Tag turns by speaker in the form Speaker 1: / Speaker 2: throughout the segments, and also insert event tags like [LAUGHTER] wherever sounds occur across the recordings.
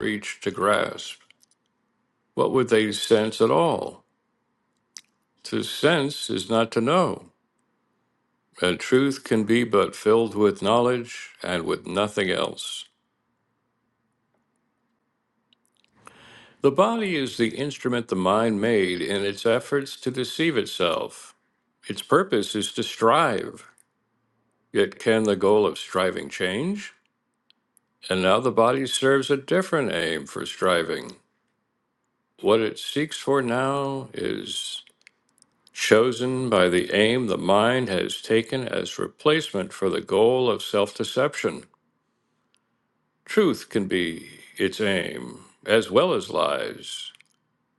Speaker 1: reach to grasp. What would they sense at all? To sense is not to know, and truth can be but filled with knowledge and with nothing else. The body is the instrument the mind made in its efforts to deceive itself. Its purpose is to strive. Yet can the goal of striving change? And now the body serves a different aim for striving. What it seeks for now is chosen by the aim the mind has taken as replacement for the goal of self deception. Truth can be its aim, as well as lies.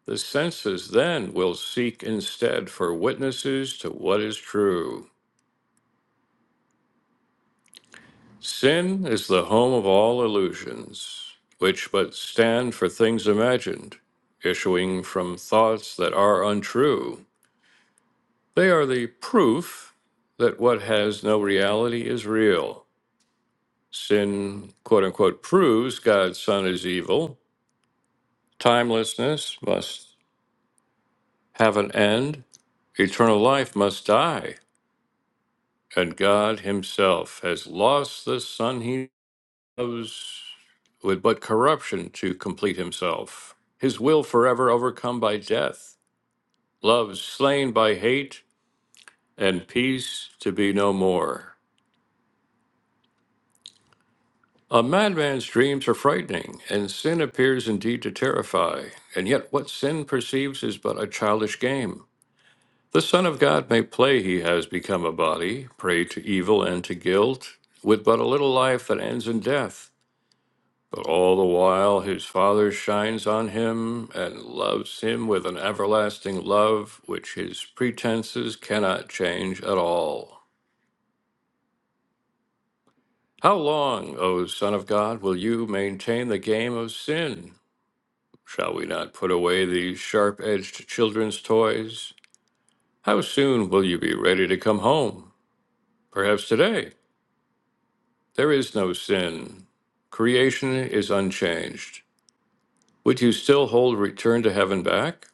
Speaker 1: The senses then will seek instead for witnesses to what is true. Sin is the home of all illusions, which but stand for things imagined, issuing from thoughts that are untrue. They are the proof that what has no reality is real. Sin, quote unquote, proves God's Son is evil. Timelessness must have an end. Eternal life must die. And God Himself has lost the Son He loves with but corruption to complete Himself. His will forever overcome by death, love slain by hate, and peace to be no more. A madman's dreams are frightening, and sin appears indeed to terrify. And yet, what sin perceives is but a childish game. The Son of God may play he has become a body, prey to evil and to guilt, with but a little life that ends in death. But all the while his Father shines on him and loves him with an everlasting love which his pretenses cannot change at all. How long, O Son of God, will you maintain the game of sin? Shall we not put away these sharp edged children's toys? How soon will you be ready to come home? Perhaps today. There is no sin. Creation is unchanged. Would you still hold return to heaven back?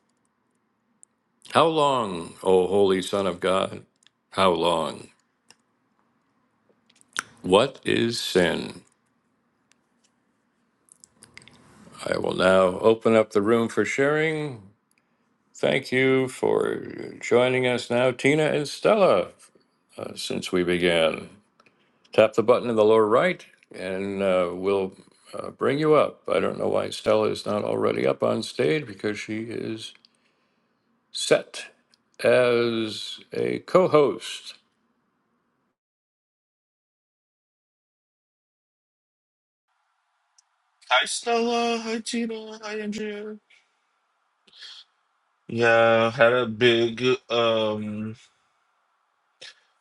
Speaker 1: How long, O Holy Son of God? How long? What is sin? I will now open up the room for sharing. Thank you for joining us now, Tina and Stella, uh, since we began. Tap the button in the lower right and uh, we'll uh, bring you up. I don't know why Stella is not already up on stage because she is set as a co host.
Speaker 2: Hi Stella, hi Tina, hi Andrea. Yeah, had a big um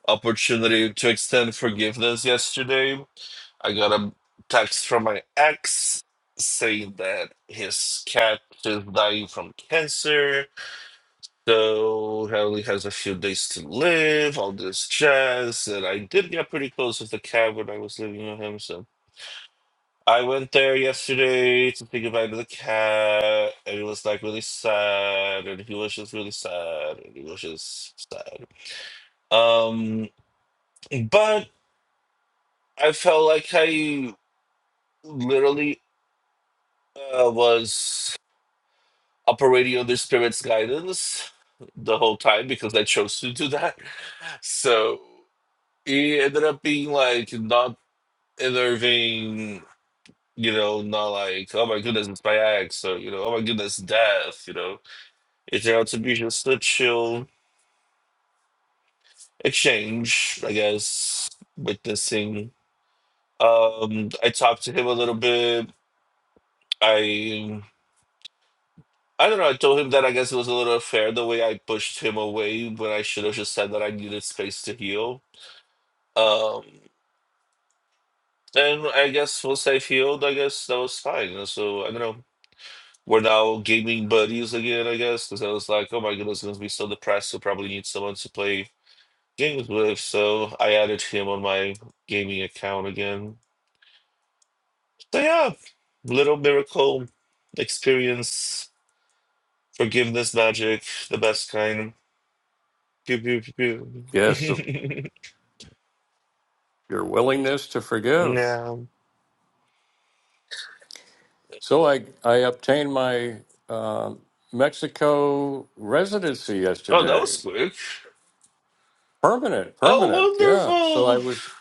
Speaker 2: opportunity to extend forgiveness yesterday. I got a text from my ex saying that his cat is dying from cancer, so he only has a few days to live, all this jazz, and I did get pretty close with the cat when I was living with him, so I went there yesterday to say goodbye to the cat, and it was like really sad, and he was just really sad, and he was just sad. Um, but I felt like I literally uh, was operating under spirit's guidance the whole time because I chose to do that. So it ended up being like not enerving, you know, not like, oh my goodness, it's my ex, or, you know, oh my goodness, death, you know It's out to be just a chill exchange, I guess, witnessing. Um, I talked to him a little bit. I I don't know, I told him that I guess it was a little unfair the way I pushed him away when I should have just said that I needed space to heal. Um and I guess once I healed, I guess that was fine. So I don't know. We're now gaming buddies again, I guess, because I was like, oh my goodness, I'm gonna be so depressed. So probably need someone to play James Woods, so I added him on my gaming account again. So yeah, little miracle experience, forgiveness magic, the best kind. Pew, pew, pew, pew.
Speaker 1: Yes, so
Speaker 2: [LAUGHS]
Speaker 1: your willingness to forgive.
Speaker 2: yeah.
Speaker 1: So I, I obtained my um Mexico residency
Speaker 2: Oh, that
Speaker 1: yesterday.
Speaker 2: was quick.
Speaker 1: Permanent,
Speaker 2: Oh,
Speaker 1: permanent, yeah. So I
Speaker 2: wonderful!
Speaker 1: was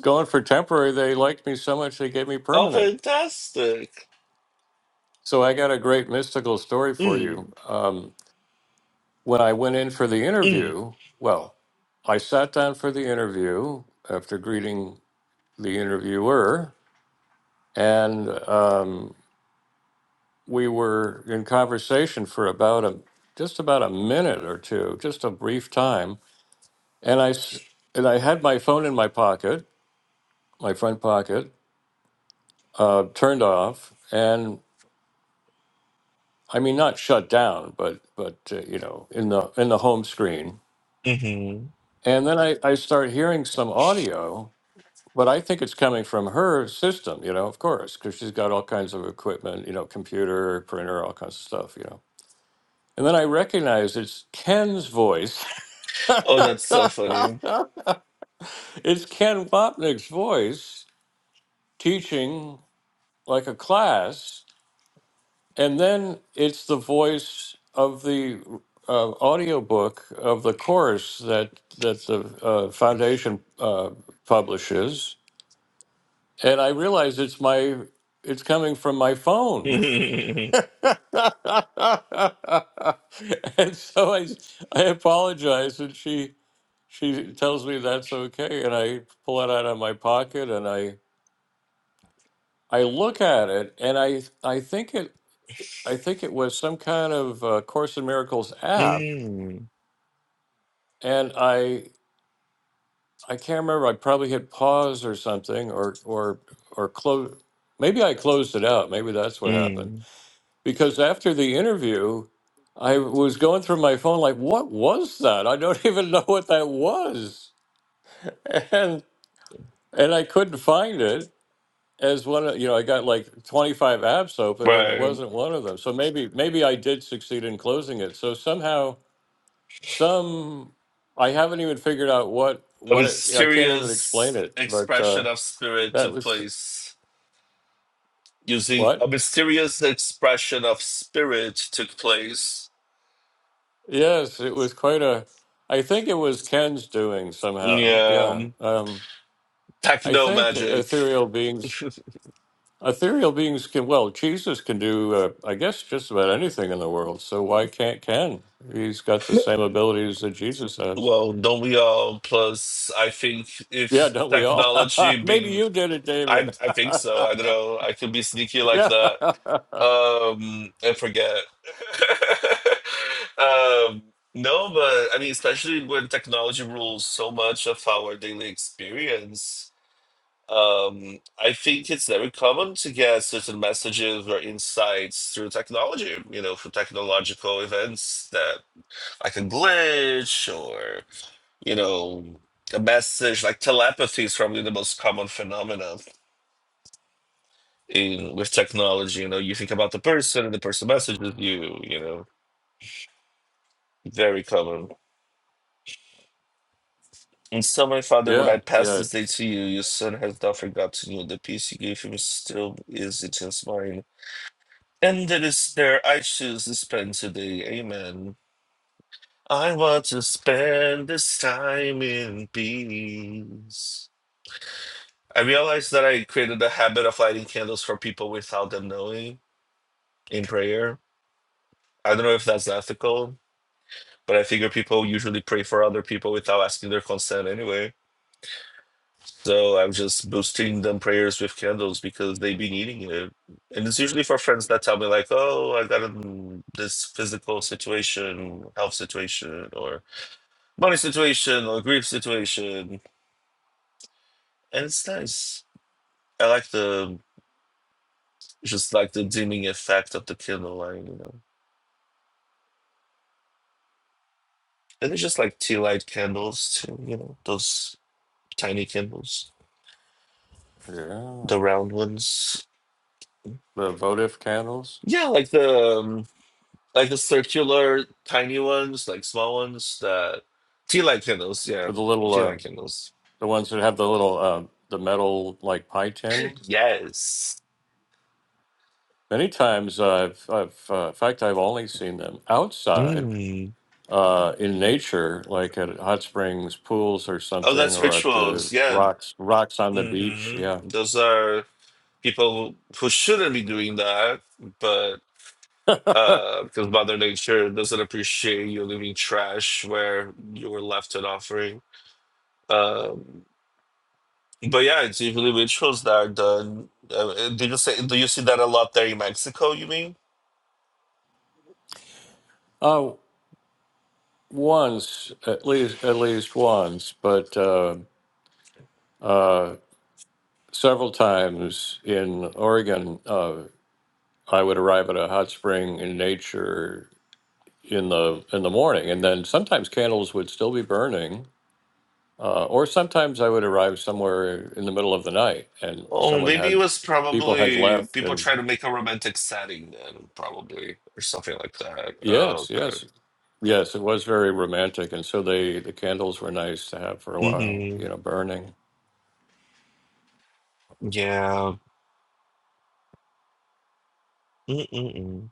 Speaker 1: going for temporary. They liked me so much they gave me
Speaker 2: Oh,
Speaker 1: permanent.
Speaker 2: fantastic!
Speaker 1: So I got a great mystical story for you.
Speaker 2: Mm,
Speaker 1: Um, when I went in for the
Speaker 2: mm,
Speaker 1: interview, well, I sat down for the interview after greeting the interviewer, and um, we were in conversation for about a just about a minute or two, just a brief time. And I s- and I had my phone in my pocket, my front pocket, uh, turned off, and I mean not shut down, but but uh, you know in the in the home screen.
Speaker 2: mm-hmm.
Speaker 1: And then I, I start hearing some audio But I think it's coming from her system, you know, of course, because she's got all kinds of equipment, you know, computer, printer, all kinds of stuff, you know. And then I recognize it's Ken's voice. [LAUGHS]
Speaker 2: Oh, that's so funny.
Speaker 1: it's Ken Wapnick's voice teaching like a class. And then it's the voice of the uh, audiobook of the course that, that the uh, foundation uh, publishes. And I realize it's my it's coming from my
Speaker 2: [LAUGHS]
Speaker 1: phone. [LAUGHS]
Speaker 2: mm,
Speaker 1: [LAUGHS] and so I, I apologize, and she she tells me that's okay, and I pull it out of my pocket, and I I look at it, and I I think it I think it was some kind of uh, Course in Miracles app,
Speaker 2: mm,
Speaker 1: and I I can't remember. I probably hit pause or something, or or or close. Maybe I closed it out. Maybe that's what happened because after the interview, I was going through my phone like, what was that? I don't [LAUGHS] even know what that was, and and I couldn't find it. As one, of- you know, I got like 25 apps open, and it
Speaker 2: mm.
Speaker 1: wasn't one of them. So maybe maybe I did succeed in closing it. So somehow, some I haven't even figured out what
Speaker 2: A
Speaker 1: what it, I can't even explain
Speaker 2: mysterious
Speaker 1: it. But
Speaker 2: expression
Speaker 1: uh,
Speaker 2: of spirit
Speaker 1: that
Speaker 2: took
Speaker 1: was
Speaker 2: place. Using a
Speaker 1: what?
Speaker 2: mysterious expression of spirit took place.
Speaker 1: Yes, it was quite a. I think it was Ken's doing somehow. Yeah.
Speaker 2: Yeah,
Speaker 1: Um, I
Speaker 2: techno
Speaker 1: think
Speaker 2: magic.
Speaker 1: ethereal
Speaker 2: [LAUGHS]
Speaker 1: beings, ethereal beings can, well, Jesus can do, uh, I guess, just about anything in the world. So why can't Ken? He's got the same abilities that Jesus has.
Speaker 2: well, don't we all? Plus, I think
Speaker 1: Yeah,
Speaker 2: if
Speaker 1: don't we all? [LAUGHS]
Speaker 2: technology
Speaker 1: Maybe
Speaker 2: being,
Speaker 1: you did it,
Speaker 2: I
Speaker 1: David.
Speaker 2: I think so. I don't
Speaker 1: [LAUGHS]
Speaker 2: know. I could be sneaky like
Speaker 1: yeah.
Speaker 2: that.
Speaker 1: [LAUGHS]
Speaker 2: Um, I forget. [LAUGHS] um, no, but I mean, especially when technology rules so much of our daily experience, um, I think it's very common to get certain messages or insights through technology, you know, through technological events that like a glitch or, you know, a message like telepathy is probably the most common phenomenon in with technology. You know, you think about the person and the person messages you, you know Very common. In some way, Father, would
Speaker 1: yeah.
Speaker 2: I pass
Speaker 1: Yeah.
Speaker 2: this day to you? Your son has not forgotten you. The peace you gave him still is in his mind. And it is there I choose to spend today. Amen. I want to spend this time in peace. I realized that I created a habit of lighting candles for people without them knowing in prayer. I don't know if that's ethical, but I figure people usually pray for other people without asking their consent anyway. So I'm just boosting them prayers with candles because they've been eating it. And it's usually for friends that tell me like, oh, I got in this physical situation, health situation, or money situation, or grief situation. And it's nice. I like the just like the dimming effect of the candle light, you know. And it's just like tea light candles too, you know, those tiny candles,
Speaker 1: Yeah.
Speaker 2: the round ones.
Speaker 1: The votive candles
Speaker 2: Yeah, like the um, Like the circular tiny ones, like small ones, the tea light candles, yeah.
Speaker 1: with the little,
Speaker 2: Tea
Speaker 1: uh,
Speaker 2: light candles.
Speaker 1: the ones that have the little, uh, the metal like pie tin.
Speaker 2: Yes.
Speaker 1: Many times I've, I've, uh, in fact, I've only seen them outside
Speaker 2: Mm.
Speaker 1: uh, in nature, like at hot springs, pools, or
Speaker 2: Oh,
Speaker 1: something,
Speaker 2: that's
Speaker 1: or at the
Speaker 2: rituals. Yeah.
Speaker 1: rocks rocks on the beach.
Speaker 2: hmm
Speaker 1: Yeah.
Speaker 2: Those are people who, who shouldn't be doing that, but
Speaker 1: [LAUGHS]
Speaker 2: uh, because Mother Nature doesn't appreciate you leaving trash where you were left an offering. Um, but yeah, it's usually rituals that are done. Uh, uh, do you say? Do you see that a lot there in Mexico? You mean?
Speaker 1: Uh, once, at least, at least once, but uh, uh, several times in Oregon, uh, I would arrive at a hot spring in nature in the in the morning, and then sometimes candles would still be burning, uh, or sometimes I would arrive somewhere in the middle of the night, and
Speaker 2: Oh,
Speaker 1: someone
Speaker 2: maybe it
Speaker 1: had
Speaker 2: was
Speaker 1: people had
Speaker 2: probably
Speaker 1: left,
Speaker 2: people
Speaker 1: and
Speaker 2: trying to make a romantic setting then, probably, or something like that. Oh,
Speaker 1: Yes,
Speaker 2: okay.
Speaker 1: yes, yes. It was very romantic, and so they the candles were nice to have for a while,
Speaker 2: Mm-hmm.
Speaker 1: you know, burning.
Speaker 2: Yeah. Mm-mm-mm.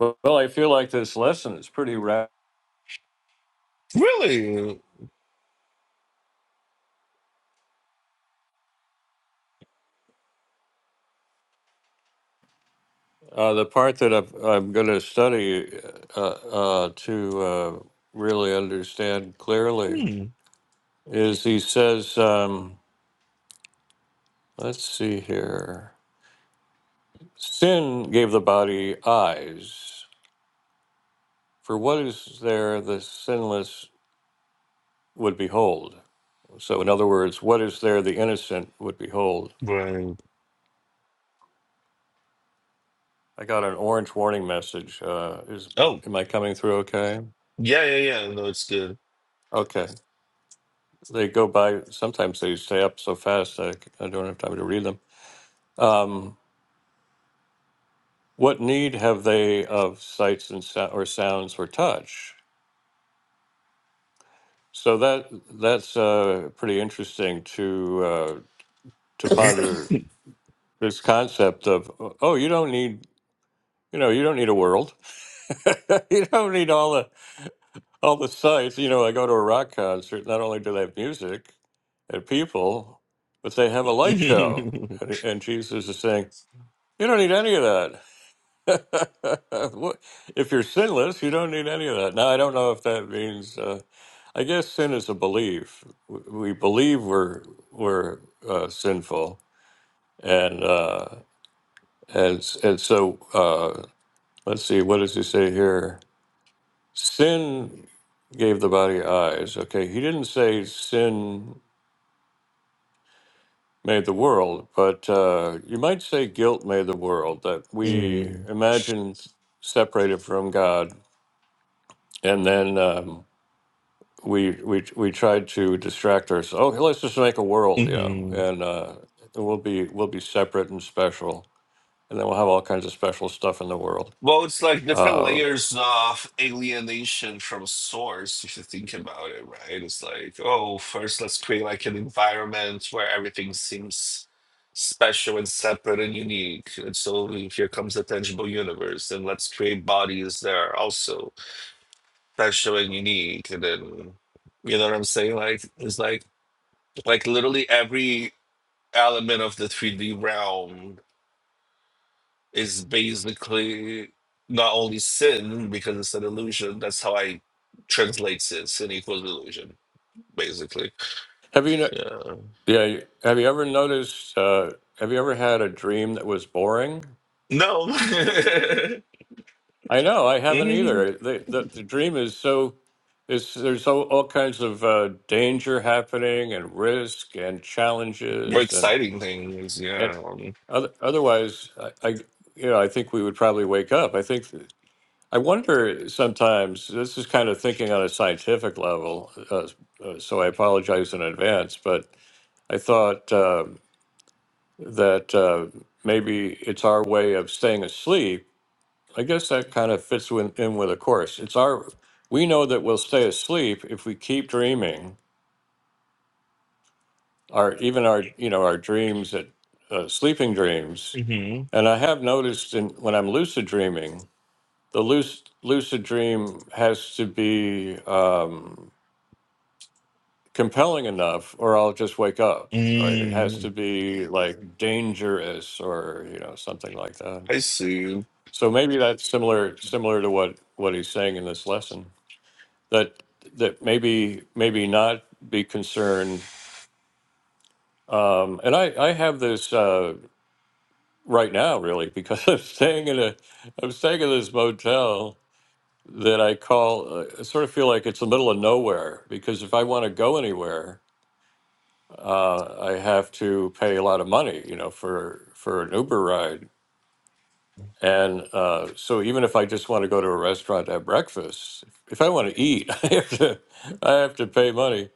Speaker 1: Well, well, I feel like this lesson is pretty ra
Speaker 2: Really?
Speaker 1: Uh, the part that I've, I'm going to study uh, uh, to uh, really understand clearly
Speaker 2: Hmm.
Speaker 1: is he says, um, let's see here. Sin gave the body eyes. For what is there the sinless would behold? So, in other words, what is there the innocent would behold?
Speaker 2: Right.
Speaker 1: I got an orange warning message. Uh, is
Speaker 2: Oh,
Speaker 1: am I coming through okay?
Speaker 2: yeah, yeah, yeah. No, it's good.
Speaker 1: Okay. They go by. Sometimes they stay up so fast I, I don't have time to read them. Um, what need have they of sights and so- or sounds or touch? So that that's uh, pretty interesting to uh, to ponder this concept of oh you don't need you know you don't need a world [LAUGHS] you don't need all the all the sites. You know, I go to a rock concert. Not only do they have music and people, but they have a light show.
Speaker 2: [LAUGHS]
Speaker 1: And, and Jesus is saying, "You don't need any of that. [LAUGHS] What- if you're sinless, you don't need any of that." Now, I don't know if that means. Uh, I guess sin is a belief. W- We believe we're we're uh, sinful, and uh, and s- and so uh, let's see. What does he say here? Sin gave the body eyes. Okay, he didn't say sin made the world, but uh, you might say guilt made the world, that we
Speaker 2: Mm-hmm.
Speaker 1: imagine separated from God, and then um, we, we we tried to distract ourselves. Oh, let's just make a world, you know,
Speaker 2: Mm-hmm.
Speaker 1: and uh, we'll be we'll be separate and special, and then we'll have all kinds of special stuff in the world.
Speaker 2: Well, it's like different
Speaker 1: Uh,
Speaker 2: layers of alienation from source, if you think about it, right? It's like, oh, first let's create like an environment where everything seems special and separate and unique. And so here comes the tangible universe, and let's create bodies that are also special and unique. And then, you know what I'm saying? Like, it's like, like literally every element of the 3D realm is basically not only sin because it's an illusion. That's how I translate sin. Sin equals illusion, basically.
Speaker 1: have you no-
Speaker 2: Yeah.
Speaker 1: yeah? Have you ever noticed? Uh, have you ever had a dream that was boring?
Speaker 2: No. [LAUGHS]
Speaker 1: I know, I haven't
Speaker 2: Mhm.
Speaker 1: either. The, the, the dream is so, is there's all, all kinds of uh, danger happening and risk and
Speaker 2: More
Speaker 1: challenges and
Speaker 2: exciting things.
Speaker 1: and
Speaker 2: Yeah. hmm
Speaker 1: other, otherwise, I, I you know I think we would probably wake up. I think I wonder sometimes. This is kind of thinking on a scientific level, uh, uh, so I apologize in advance. But I thought um that uh, maybe it's our way of staying asleep I guess that kind of fits with, in with a course. It's our we know that we'll stay asleep if we keep dreaming our even our you know our dreams that uh, sleeping dreams. And I have noticed in when I'm lucid dreaming, the lucid, lucid dream has to be um, compelling enough, or I'll just wake up. Right? It has
Speaker 2: Mm.
Speaker 1: to be like dangerous, or you know something like that.
Speaker 2: I see.
Speaker 1: So maybe that's similar similar to what what he's saying in this lesson. that that maybe maybe not be concerned. Um, and I, I have this uh, right now really because [LAUGHS] I'm staying in a I'm staying in this motel that I call uh, I sort of feel like it's the middle of nowhere because if I want to go anywhere uh, I have to pay a lot of money you know for for an Uber ride And uh, so even if I just want to go to a restaurant to have breakfast, if I want to eat, [LAUGHS] I have to, I have to pay money.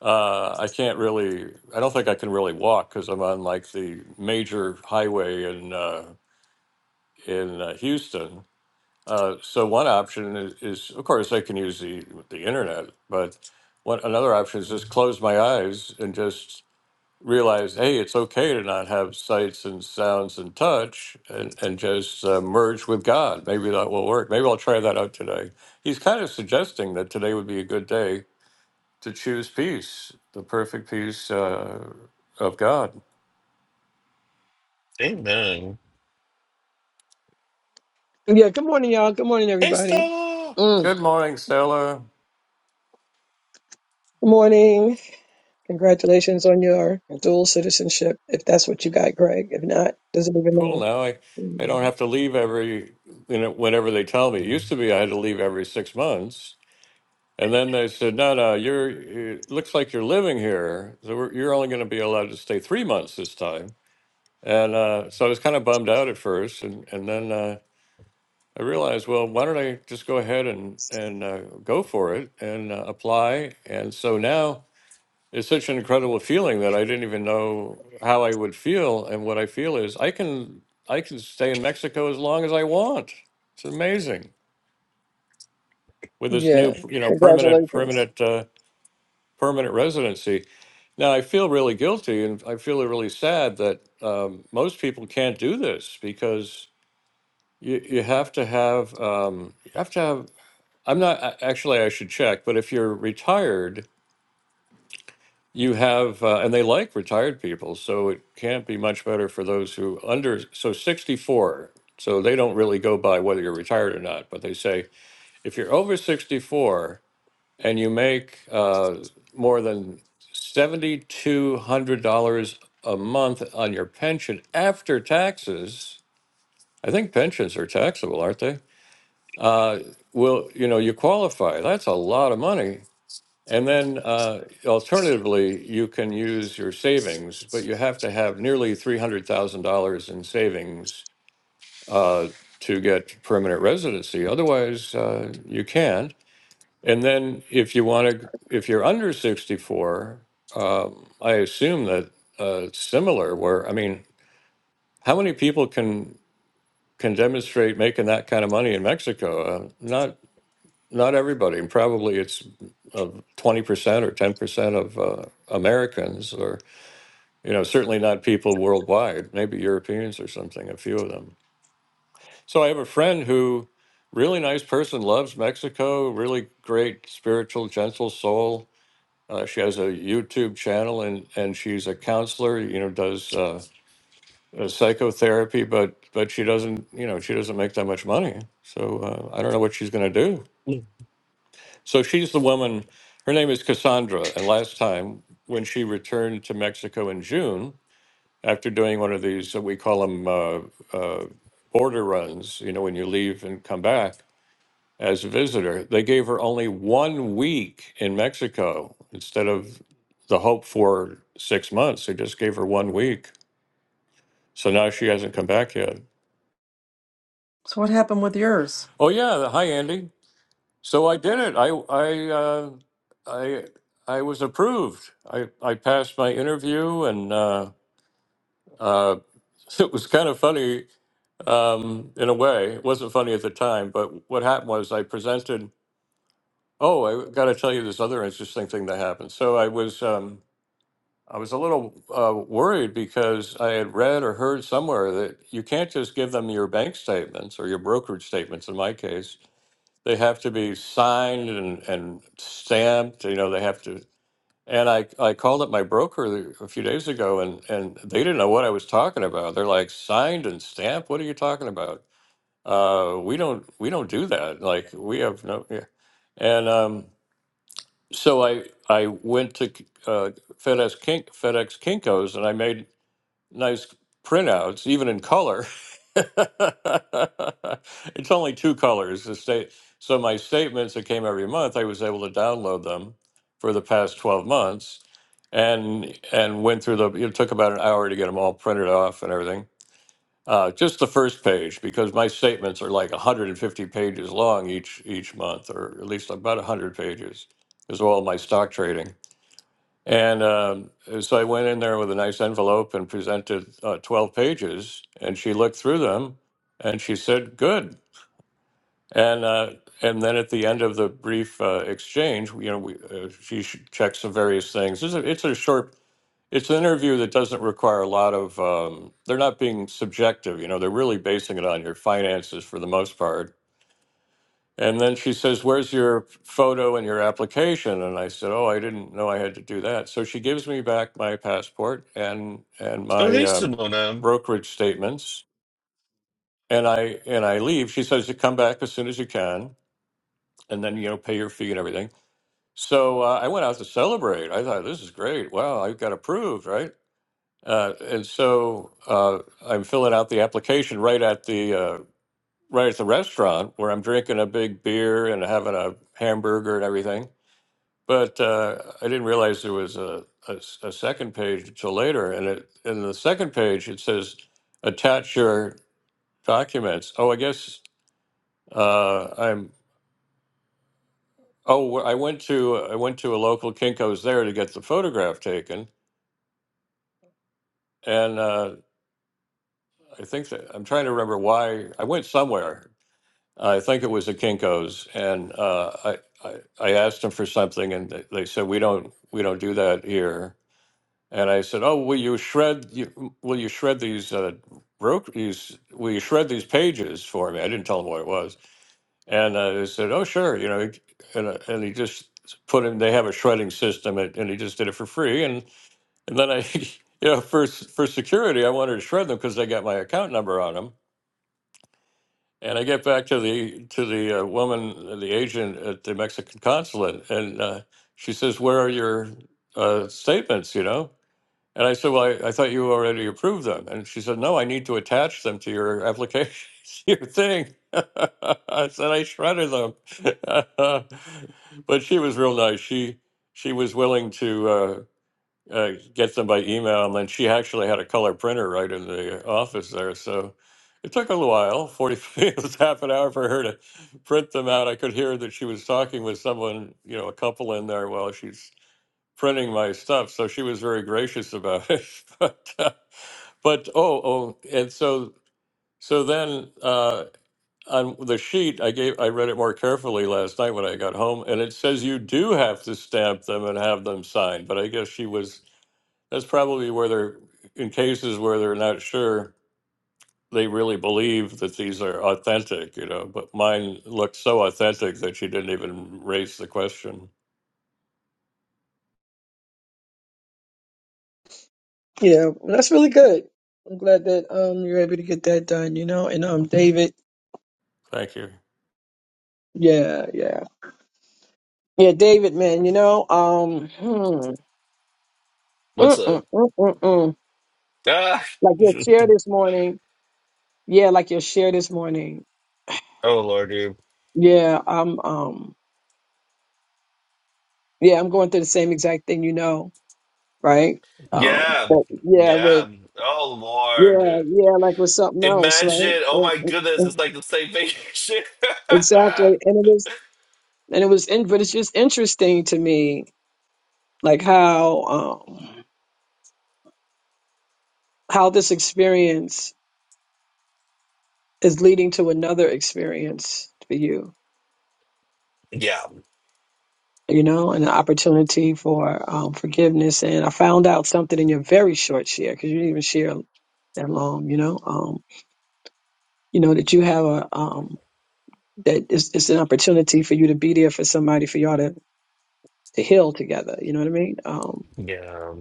Speaker 1: Uh, I can't really, I don't think I can really walk because I'm on like the major highway in uh, in uh, Houston. Uh, so one option is, is, of course, I can use the the internet, but one another option is just close my eyes and just realize, hey, it's okay to not have sights and sounds and touch and, and just uh, merge with God. Maybe that will work. Maybe I'll try that out today. He's kind of suggesting that today would be a good day to choose peace, the perfect peace uh, of God.
Speaker 2: Amen.
Speaker 3: Yeah, good morning, y'all. Good morning,
Speaker 2: Hey,
Speaker 3: everybody.
Speaker 2: Stella.
Speaker 3: Mm.
Speaker 1: Good morning, Stella.
Speaker 3: Good morning. Congratulations on your dual citizenship, if that's what you got, Greg. If not, doesn't even
Speaker 1: Cool
Speaker 3: matter.
Speaker 1: now. I, I don't
Speaker 3: Mm.
Speaker 1: have to leave every, you know, whenever they tell me. It
Speaker 2: Mm.
Speaker 1: used to be I had to leave every six months. And then they said, no, no, you're, it looks like you're living here. So we're, you're only going to be allowed to stay three months this time And uh, so I was kind of bummed out at first, and and then uh, I realized, well, why don't I just go ahead and and uh, go for it and uh, apply? And so now it's such an incredible feeling that I didn't even know how I would feel. And what I feel is I can I can stay in Mexico as long as I want. It's amazing with this
Speaker 3: Yeah,
Speaker 1: new you know permanent
Speaker 3: congratulations.
Speaker 1: permanent uh, permanent residency. Now I feel really guilty, and I feel really sad that um, most people can't do this because You you have to have um, you have to have. I'm not a- actually. I should check, but if you're retired, you have, uh, and they like retired people, so it can't be much better for those who under so 64. So they don't really go by whether you're retired or not, but they say if you're over 64 and you make uh, more than $7,200 a month on your pension after taxes, I think pensions are taxable, aren't they? uh, well, you know, you qualify. That's a lot of money. And then uh, alternatively, you can use your savings, but you have to have nearly $300,000 in savings uh, to get permanent residency. Otherwise, uh, you can't. And then if you want to, if you're under 64, um, I assume that uh, it's similar where, I mean, how many people can can demonstrate making that kind of money in Mexico? Uh, not not everybody, and probably it's twenty percent or ten percent of uh, Americans, or you know, certainly not people worldwide. Maybe Europeans or something. A few of them. So I have a friend who, really nice person, loves Mexico. Really great spiritual, gentle soul. Uh, she has a YouTube channel, and and she's a counselor. You know, does. Uh, uh, psychotherapy but but she doesn't you know she doesn't make that much money so uh, i don't know what she's going to do So she's the woman, her name is Cassandra. And last time, when she returned to Mexico in June, after doing one of these, uh, we call them uh, uh, border runs, you know, when you leave and come back as a visitor, they gave her only one week in Mexico instead of the hope for six months. They just gave her one week. So now she hasn't come back yet.
Speaker 4: So what happened with yours?
Speaker 1: Oh, yeah. Hi, Andy. So I did it. I I uh, I I was approved. I I passed my interview, and uh, uh, [LAUGHS] it was kind of funny um, in a way. It wasn't funny at the time, but what happened was I presented. Oh, I got to tell you this other interesting thing that happened. So I was um, I was a little uh, worried because I had read or heard somewhere that you can't just give them your bank statements or your brokerage statements. In my case they have to be signed and, and stamped. You know, they have to. And I, I called up my broker the- a few days ago and, and they didn't know what I was talking about. They're like, signed and stamped? What are you talking about? Uh, we don't we don't do that. Like we have no yeah. And um, so I I went to uh, FedEx Kink, FedEx Kinkos and I made nice printouts, even in color. [LAUGHS] it's only two colors. The state. So my statements that came every month, I was able to download them for the past twelve months, and and went through the. It took about an hour to get them all printed off and everything. Uh, just the first page because my statements are like 150 pages long each each month, or at least about 100 pages, is all my stock trading and um, so I went in there with a nice envelope and presented uh, 12 pages, and she looked through them and she said, Good. And, uh, and then at the end of the brief uh, exchange, you know, we, uh, she sh- checked some various things. It's a, it's a short, it's an interview that doesn't require a lot of, um, they're not being subjective, you know, they're really basing it on your finances for the most part and then she says, Where's your photo and your application? And I said, Oh, I didn't know I had to do that. So she gives me back my passport and and
Speaker 2: Oh,
Speaker 1: my
Speaker 2: hey,
Speaker 1: um,
Speaker 2: Simona.
Speaker 1: brokerage statements. And I and I leave. She says "You come back as soon as you can, and then you know pay your fee and everything. So uh, I went out to celebrate. I thought this is great. Wow, I got approved, right? Uh, and so uh, I'm filling out the application right at the uh, right at the restaurant where I'm drinking a big beer and having a hamburger and everything. But uh, I didn't realize there was a, a s- a second page until later. And it in the second page it says attach your documents. Oh, I guess uh, I'm. Oh, wh- I went to I went to a local Kinko's there to get the photograph taken, and uh, I think that, I'm trying to remember why I went somewhere. I think it was a Kinko's, and uh, I, I I asked them for something, and they, they said we don't we don't do that here And I said, "Oh, will you shred? You, will you shred these uh, broke? These will you shred these pages for me?" I didn't tell him what it was, and uh, they said, "Oh, sure." You know, and uh, and he just put in. They have a shredding system, and, and he just did it for free. And and then I, [LAUGHS] you know, for s- for security, I wanted to shred them because they got my account number on them. And I get back to the to the uh, woman, the agent at the Mexican consulate, and uh, she says, "Where are your uh, statements?" You know, and I said, Well, I, I thought you already approved them. And she said, No, I need to attach them to your application, [LAUGHS] your thing. [LAUGHS] I said, I shredded them. [LAUGHS] but she was real nice. She she was willing to uh, uh, get them by email. And then she actually had a color printer right in the office there. So it took a little while 40 [LAUGHS] it was half an hour for her to print them out. I could hear that she was talking with someone, you know, a couple in there while she's printing my stuff. So she was very gracious about [LAUGHS] it. but, uh, but oh oh, and so so then uh, on the sheet I gave I read it more carefully last night when I got home, and it says you do have to stamp them and have them signed. But I guess she was that's probably where they're in cases where they're not sure they really believe that these are authentic, you know. But mine looked so authentic that she didn't even raise the question.
Speaker 3: Yeah, well, that's really good. I'm glad that um you're able to get that done, you know. And um, David.
Speaker 1: Thank you.
Speaker 3: Yeah, yeah, yeah, David, man. You know, um, hmm,
Speaker 2: What's
Speaker 3: mm,
Speaker 2: up?
Speaker 3: mm, mm, mm, mm.
Speaker 2: Ah,
Speaker 3: like your share this morning. Yeah, like your share this morning.
Speaker 2: oh, Lord, dude.
Speaker 3: Yeah, I'm um. yeah, I'm going through the same exact thing, you know, right? Um,
Speaker 2: Yeah,
Speaker 3: but yeah, with
Speaker 2: yeah. Oh,
Speaker 3: yeah,
Speaker 2: Lord.
Speaker 3: yeah, like with something else, right?
Speaker 2: Imagine, oh
Speaker 3: Yeah,
Speaker 2: my
Speaker 3: yeah,
Speaker 2: goodness,
Speaker 3: yeah,
Speaker 2: it's like the same vacation.
Speaker 3: Exactly,
Speaker 2: [LAUGHS]
Speaker 3: and it was, and it was, in, but it's just interesting to me, like how um, how this experience is leading to another experience for you,
Speaker 2: yeah,
Speaker 3: you know, and an opportunity for um, forgiveness. And I found out something in your very short share because you didn't even share that long, you know, um, you know that you have a um, that it's, it's an opportunity for you to be there for somebody for y'all to to heal together you know what i mean um
Speaker 2: yeah,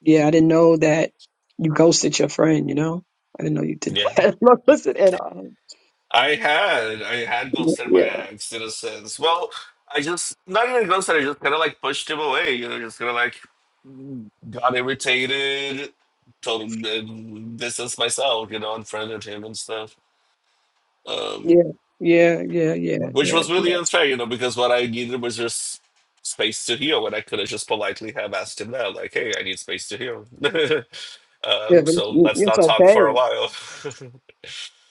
Speaker 3: yeah i didn't know that you ghosted your friend you know i didn't know you did
Speaker 2: yeah.
Speaker 3: that [LAUGHS] Look, listen and um
Speaker 2: I had, I had
Speaker 3: yeah
Speaker 2: ghosted my ex in a sense. Well, I just not even ghosted. I just kind of like pushed him away. You know, just kind of like got irritated, told him uh, distanced myself. You know, unfriended him and stuff.
Speaker 3: yeah
Speaker 2: Um,
Speaker 3: yeah yeah yeah
Speaker 2: which
Speaker 3: yeah
Speaker 2: was
Speaker 3: yeah
Speaker 2: really unfair, you know, because what I needed was just space to heal, and I could have just politely have asked him that, like, "Hey, I need space to heal." [LAUGHS]
Speaker 3: yeah
Speaker 2: um,
Speaker 3: but it's,
Speaker 2: so let's
Speaker 3: it's
Speaker 2: not talk for a
Speaker 3: okay
Speaker 2: while. [LAUGHS]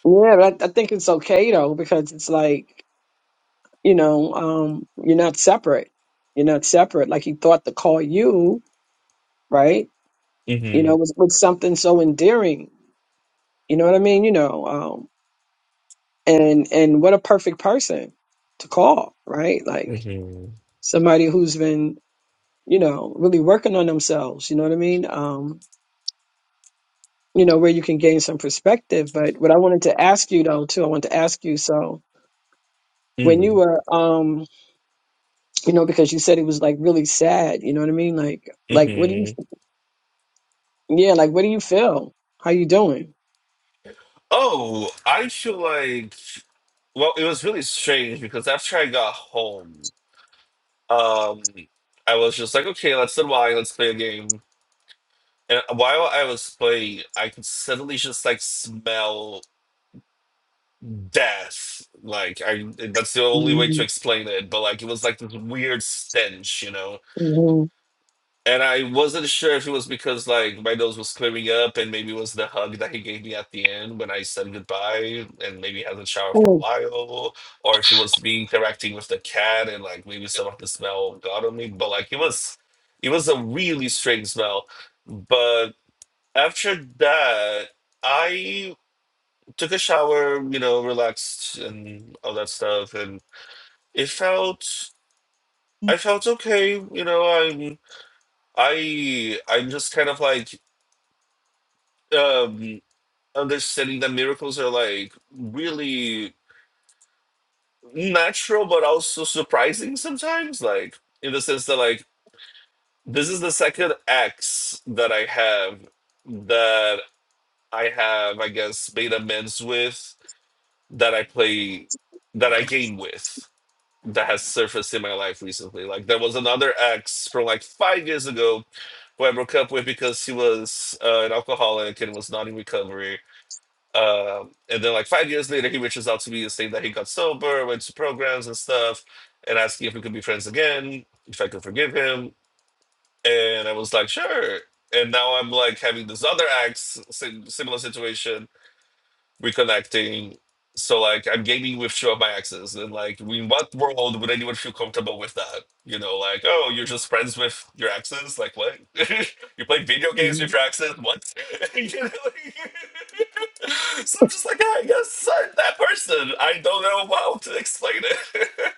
Speaker 3: yeah but I, I think it's okay though because it's like you know um you're not separate you're not separate like he thought to call you right you
Speaker 2: hmm
Speaker 3: know was was something so endearing you know what i mean you know um, and and what a perfect person to call right like
Speaker 2: hmm
Speaker 3: somebody who's been you know really working on themselves you know what i mean um you know where you can gain some perspective but what i wanted to ask you though too i wanted to ask you so when you were um you know because you said it was like really sad you know what i mean like like what do you
Speaker 2: hmm
Speaker 3: yeah like what do you feel how you doing
Speaker 2: Oh, I feel like well, it was really strange because after I got home, um, I was just like, okay, let's unwind, let's play a game. And while I was playing, I could suddenly just like smell. death. Like I, that's the only way to
Speaker 3: hmm
Speaker 2: explain it. But like it was like this weird stench, you know. And I wasn't sure if it was because like my nose was clearing up, and maybe it was the hug that he gave me at the end when I said goodbye, and maybe hasn't showered for a while, or if it was me interacting with the cat, and like maybe some of the smell got on me. But like it was, it was a really strange smell. But after that, I took a shower, you know, relaxed and all that stuff, and it felt I felt okay, you know. I'm I I'm just kind of like um understanding that miracles are like really natural but also surprising sometimes, like in the sense that like this is the second ex that I have that I have, I guess, made amends with that I play that I game with. that has surfaced in my life recently. Like there was another ex from like five years ago who I broke up with because he was uh, an alcoholic and was not in recovery. Um, and then like five years later, he reaches out to me and saying that he got sober, went to programs and stuff, and asking if we could be friends again, if I could forgive him. And I was like, sure. And now I'm like having this other ex, sim- similar situation reconnecting. So like I'm gaming with Shiva by access, and like in what world would anyone feel comfortable with that? You know, like oh, you're just friends with your exes. Like what? [LAUGHS] you play video games with your exes? What? [LAUGHS] You know, like- [LAUGHS] so I'm just like, ah, yes, I'm that person. I don't know how to explain it. [LAUGHS]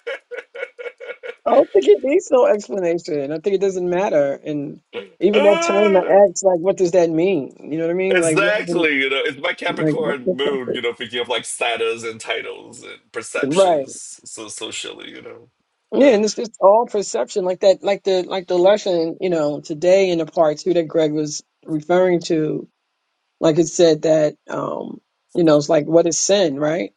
Speaker 3: I don't think it needs no explanation. I think it doesn't matter. And even that term, the
Speaker 2: Ah,
Speaker 3: X, like, what does that mean? You know what I mean? Like, where is it-
Speaker 2: exactly. You know, it's my
Speaker 3: like, what-
Speaker 2: Capricorn
Speaker 3: what's
Speaker 2: moon.
Speaker 3: that?
Speaker 2: You know, thinking of like status and titles and
Speaker 3: right?
Speaker 2: perceptions, so socially. You know.
Speaker 3: Yeah,
Speaker 2: Uh,
Speaker 3: and it's just all perception, like that, like the like the lesson, you know, today in the part two that Greg was referring to. Like it said that, um, you know, it's like what is sin, right?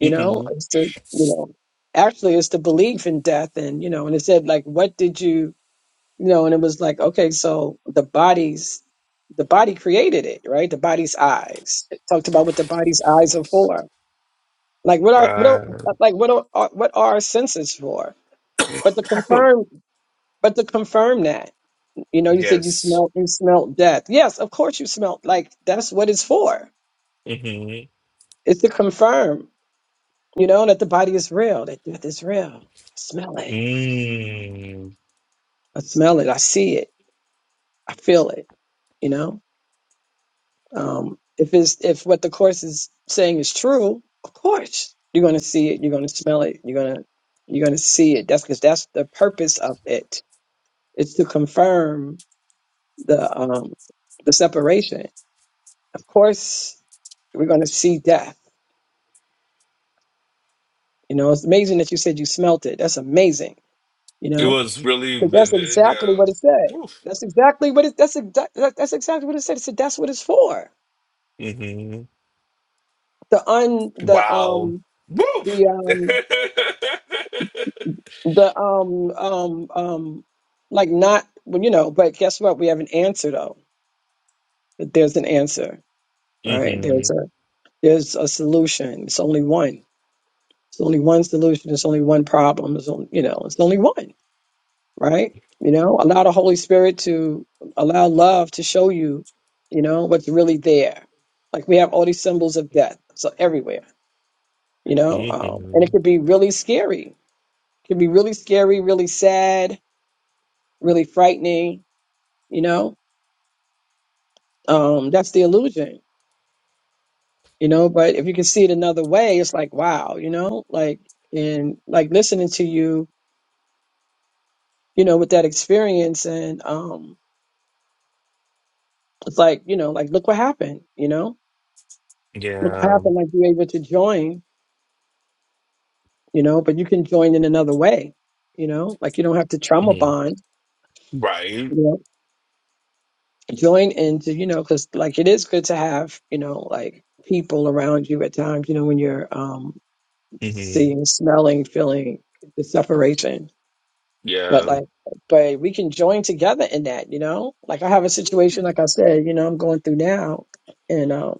Speaker 3: You know, it's the, you know, actually it's the belief in death, and you know, and it said like, what did you? you know, and it was like, okay, so the body's the body created it, right? The body's eyes. It talked about what the body's eyes are for. Like what are what are,
Speaker 2: Right.
Speaker 3: like what are uh, what are our senses for?
Speaker 2: [CLEARS THROAT]
Speaker 3: But to
Speaker 2: [COUGHS]
Speaker 3: confirm, but to confirm that, you know, you said you
Speaker 2: yes.
Speaker 3: smelt you smelt death. Yes, of course you smelt. Like that's what it's for.
Speaker 2: hmm
Speaker 3: It's to confirm, you know, that the body is real. That death is real. I smell it.
Speaker 2: Mm.
Speaker 3: I smell it. I see it. I feel it. You know Um, if it's, if what the course is saying is true, of course you're going to see it. You're going to smell it. You're going to you're going to see it. That's because that's the purpose of it. It's to confirm the um, the separation. Of course, we're going to see death. You know, it's amazing that you said you smelt it. That's amazing. You
Speaker 2: It
Speaker 3: know,
Speaker 2: was really
Speaker 3: 'Cause that's
Speaker 2: vivid.
Speaker 3: exactly
Speaker 2: Yeah.
Speaker 3: what it said.
Speaker 2: Woof.
Speaker 3: That's exactly what it. That's exactly that's exactly what it said. It said that's what it's for.
Speaker 2: hmm
Speaker 3: The un the
Speaker 2: Wow.
Speaker 3: um
Speaker 2: Woof.
Speaker 3: the
Speaker 2: [LAUGHS]
Speaker 3: um The um um um like not well, you know, but guess what? We have an answer though. There's an answer, right?
Speaker 2: hmm
Speaker 3: There's a there's a solution. It's only one. It's only one solution. It's only one problem. It's only you know, it's only one, right? You know, allow the Holy Spirit to allow love to show you, you know, what's really there. Like we have all these symbols of death, so everywhere, you know, um, and
Speaker 2: hmm
Speaker 3: it could be really scary. It could be really scary, really sad, really frightening, you know um, that's the illusion, you know. But if you can see it another way, it's like, wow, you know, like and like listening to you, you know, with that experience, and um, it's like, you know, like look what happened, you know, look what
Speaker 2: Yeah.
Speaker 3: happened. Like you're able to join, you know, but you can join in another way, you know, like you don't have to trauma
Speaker 2: hmm
Speaker 3: bond,
Speaker 2: Right.
Speaker 3: you know, join into, you know, because like it is good to have, you know, like people around you at times, you know, when you're um
Speaker 2: hmm
Speaker 3: seeing, smelling, feeling the separation but
Speaker 2: Yeah.
Speaker 3: like but we can join together in that you know like i have a situation like i said you know i'm going through now and um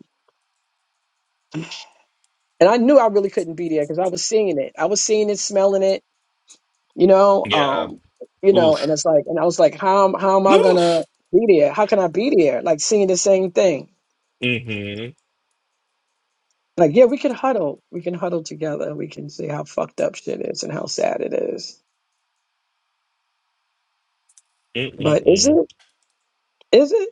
Speaker 3: and i knew i really couldn't be there because i was seeing it i was seeing it smelling it you know
Speaker 2: Yeah.
Speaker 3: um you know and
Speaker 2: Oof.
Speaker 3: it's like and i was like how am how am i gonna
Speaker 2: Oof.
Speaker 3: be there how can i be there like seeing the same thing
Speaker 2: Mm-hmm.
Speaker 3: like yeah we can huddle we can huddle together we can see how fucked up shit is and how sad it is but is
Speaker 2: Mm-mm-mm.
Speaker 3: it is it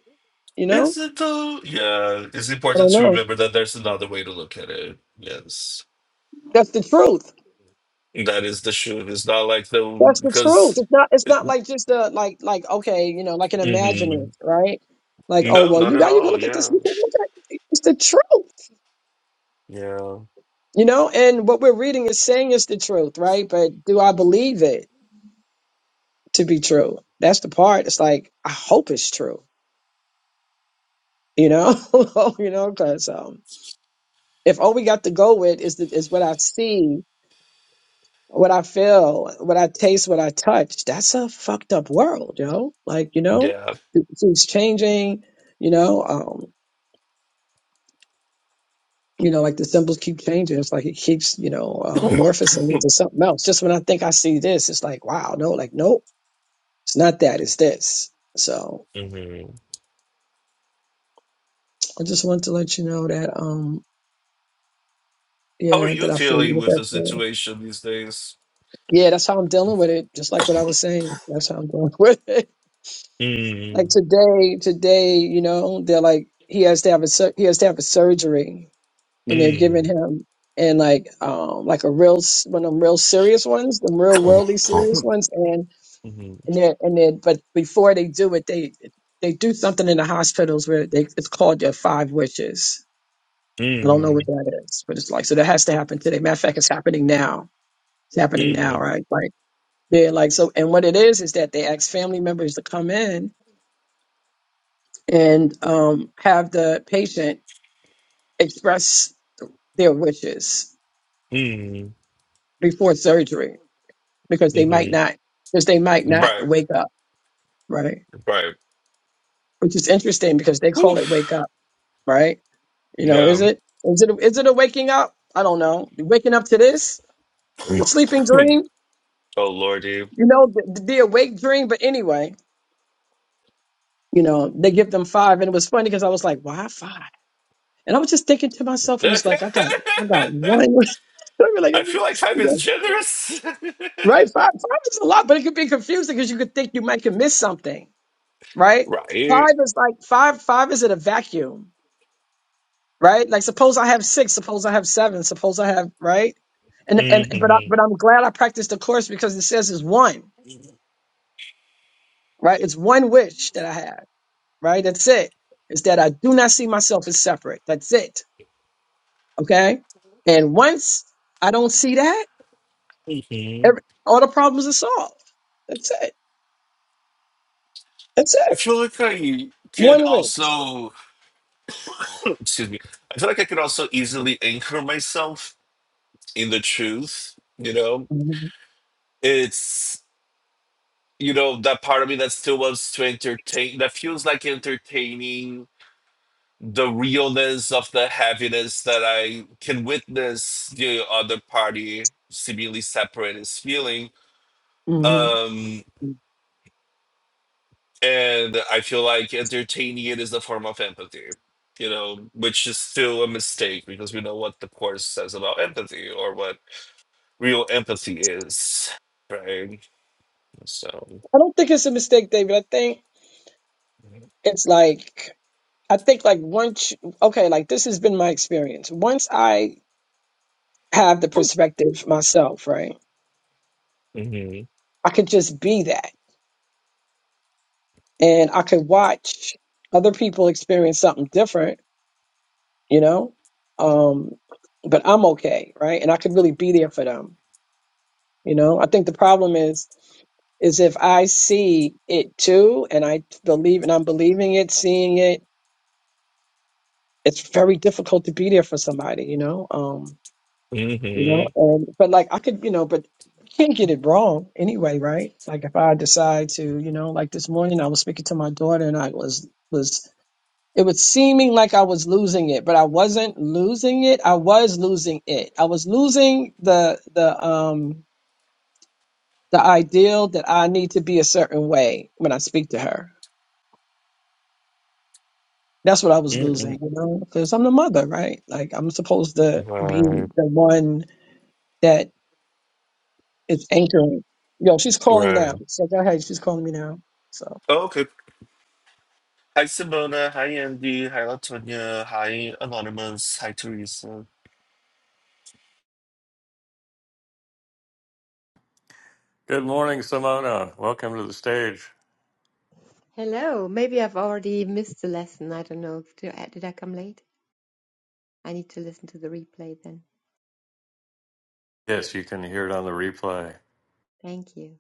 Speaker 3: you
Speaker 2: Is
Speaker 3: know
Speaker 2: it though? Yeah. It's
Speaker 3: i
Speaker 2: important
Speaker 3: don't
Speaker 2: to
Speaker 3: know
Speaker 2: remember that there's another way to look at it. Yes.
Speaker 3: that's the truth
Speaker 2: That is the shoot. It's not like the
Speaker 3: That's the truth.
Speaker 2: because.
Speaker 3: It's not. It's not like just a like like okay, you know, like an
Speaker 2: mhm.
Speaker 3: imagining, right? Like oh
Speaker 2: No,
Speaker 3: well,
Speaker 2: not
Speaker 3: you
Speaker 2: at
Speaker 3: got you can
Speaker 2: all.
Speaker 3: look at this.
Speaker 2: Yeah,
Speaker 3: You can look at it's the truth,
Speaker 2: yeah,
Speaker 3: you know. And what we're reading is saying it's the truth, right? But do I believe it to be true? That's the part. It's like I hope it's true, you know, [LAUGHS] you know, because um, if all we got to go with is the, is what I see what I feel, what I taste, what I touch, that's a fucked up world, yo. Like, you know,
Speaker 2: yeah.
Speaker 3: it's it's changing, you know, um, you know, like the symbols keep changing. It's like it keeps, you know,
Speaker 2: [COUGHS]
Speaker 3: um, morphosing into something else. Just when I think I see this, it's like, wow, no, like, nope, it's not that, it's this. So
Speaker 2: hmm
Speaker 3: I just want to let you know that, um,
Speaker 2: How are
Speaker 3: yeah, that
Speaker 2: you
Speaker 3: I feel you
Speaker 2: feeling
Speaker 3: with
Speaker 2: with
Speaker 3: that.
Speaker 2: the
Speaker 3: thing.
Speaker 2: situation these days?
Speaker 3: Yeah, that's how I'm dealing with it. Just like what I was saying, that's how I'm dealing [LAUGHS] with it. Like
Speaker 2: Mm,
Speaker 3: today, today, you know, they're like he has to have a sur- he has to have a surgery, and they're giving
Speaker 2: mm.
Speaker 3: him and like um like a real s- one of them real serious ones, the real
Speaker 2: hmm
Speaker 3: worldly serious ones, and and then and then but before they do it, they they do something in the hospitals where they it's called their five wishes. I don't know
Speaker 2: mm,
Speaker 3: what that is, but it's like so that has to happen today. Matter of fact, it's happening now. It's happening now,
Speaker 2: mm,
Speaker 3: right? Like they're like so, and what it is is that they ask family members to come in and um, have the patient express their wishes
Speaker 2: mm,
Speaker 3: before surgery because they might
Speaker 2: mm.
Speaker 3: not because they might not
Speaker 2: Right,
Speaker 3: wake up right
Speaker 2: right.
Speaker 3: which is interesting because they call it
Speaker 2: Oof.
Speaker 3: wake up right you know
Speaker 2: Yeah.
Speaker 3: is it is it is it a waking up i don't know waking up to this
Speaker 2: [COUGHS] [CLEARS THROAT]
Speaker 3: the
Speaker 2: oh
Speaker 3: sleeping dream
Speaker 2: lordy.
Speaker 3: you know the, the awake dream but anyway you know they give them five and it was funny because i was like why five and i was just thinking to myself and
Speaker 2: [LAUGHS]
Speaker 3: it's like i got i got one [LAUGHS] I feel
Speaker 2: I feel like time
Speaker 3: like,
Speaker 2: is generous. [LAUGHS]
Speaker 3: Right? Five, five is a lot, but it could be confusing because you could think you might could miss something, right?
Speaker 2: right.
Speaker 3: Five is like five, five is in a vacuum, right? Like suppose I have six, suppose I have seven, suppose I have, right? And, and, but I,
Speaker 2: hmm
Speaker 3: but I'm glad I practiced the course because it says it's one, right? It's one wish that I have, right? That's it. It's that I do not see myself as separate. That's it. Okay. And once I don't see that,
Speaker 2: hmm
Speaker 3: every, all the problems are solved. That's it. That's
Speaker 2: I
Speaker 3: it.
Speaker 2: feel like I can
Speaker 3: One wish.
Speaker 2: also, [CLEARS THROAT] excuse me, I feel like I could also easily anchor myself in the truth. You know,
Speaker 3: Mhm.
Speaker 2: it's, you know, that part of me that still wants to entertain, that feels like entertaining the realness of the heaviness that I can witness the other party seemingly separate is feeling.
Speaker 3: Mhm.
Speaker 2: Um, and I feel like entertaining it is a form of empathy, you know, which is still a mistake because we know what the course says about empathy or what real empathy is, right? So,
Speaker 3: I don't think it's a mistake, David. I think
Speaker 2: mm-hmm.
Speaker 3: it's like I think like once you- okay, like this has been my experience. Once I have the
Speaker 2: oh,
Speaker 3: perspective myself, right?
Speaker 2: hmm
Speaker 3: I could just be that and I could watch other people experience something different, you know? Um but I'm okay, right? And I could really be there for them, you know? I think the problem is is if I see it too and I believe and I'm believing it, seeing it, it's very difficult to be there for somebody, you know? Um you
Speaker 2: mm-hmm,
Speaker 3: know and but like i could you know but you can't get it wrong anyway right like if i decide to you know like this morning i was speaking to my daughter and i was was it was seeming like i was losing it but i wasn't losing it i was losing it i was losing the the um the ideal that i need to be a certain way when i speak to her that's what i was losing
Speaker 2: mm-hmm.
Speaker 3: you know because i'm the mother right like i'm supposed to be
Speaker 2: right,
Speaker 3: the one that. It's anchoring. Yo, she's calling now.
Speaker 2: right.
Speaker 3: So go ahead. She's calling me now. So.
Speaker 2: Oh, okay. Hi Simona, hi Andy, hi Latonia, hi Anonymous, hi Teresa.
Speaker 1: Good morning, Simona. Welcome to the stage.
Speaker 5: Hello. Maybe I've already missed the lesson. I don't know. Did I, did I come late? I need to listen to the replay then.
Speaker 1: Yes, you can hear it on the replay.
Speaker 5: Thank you.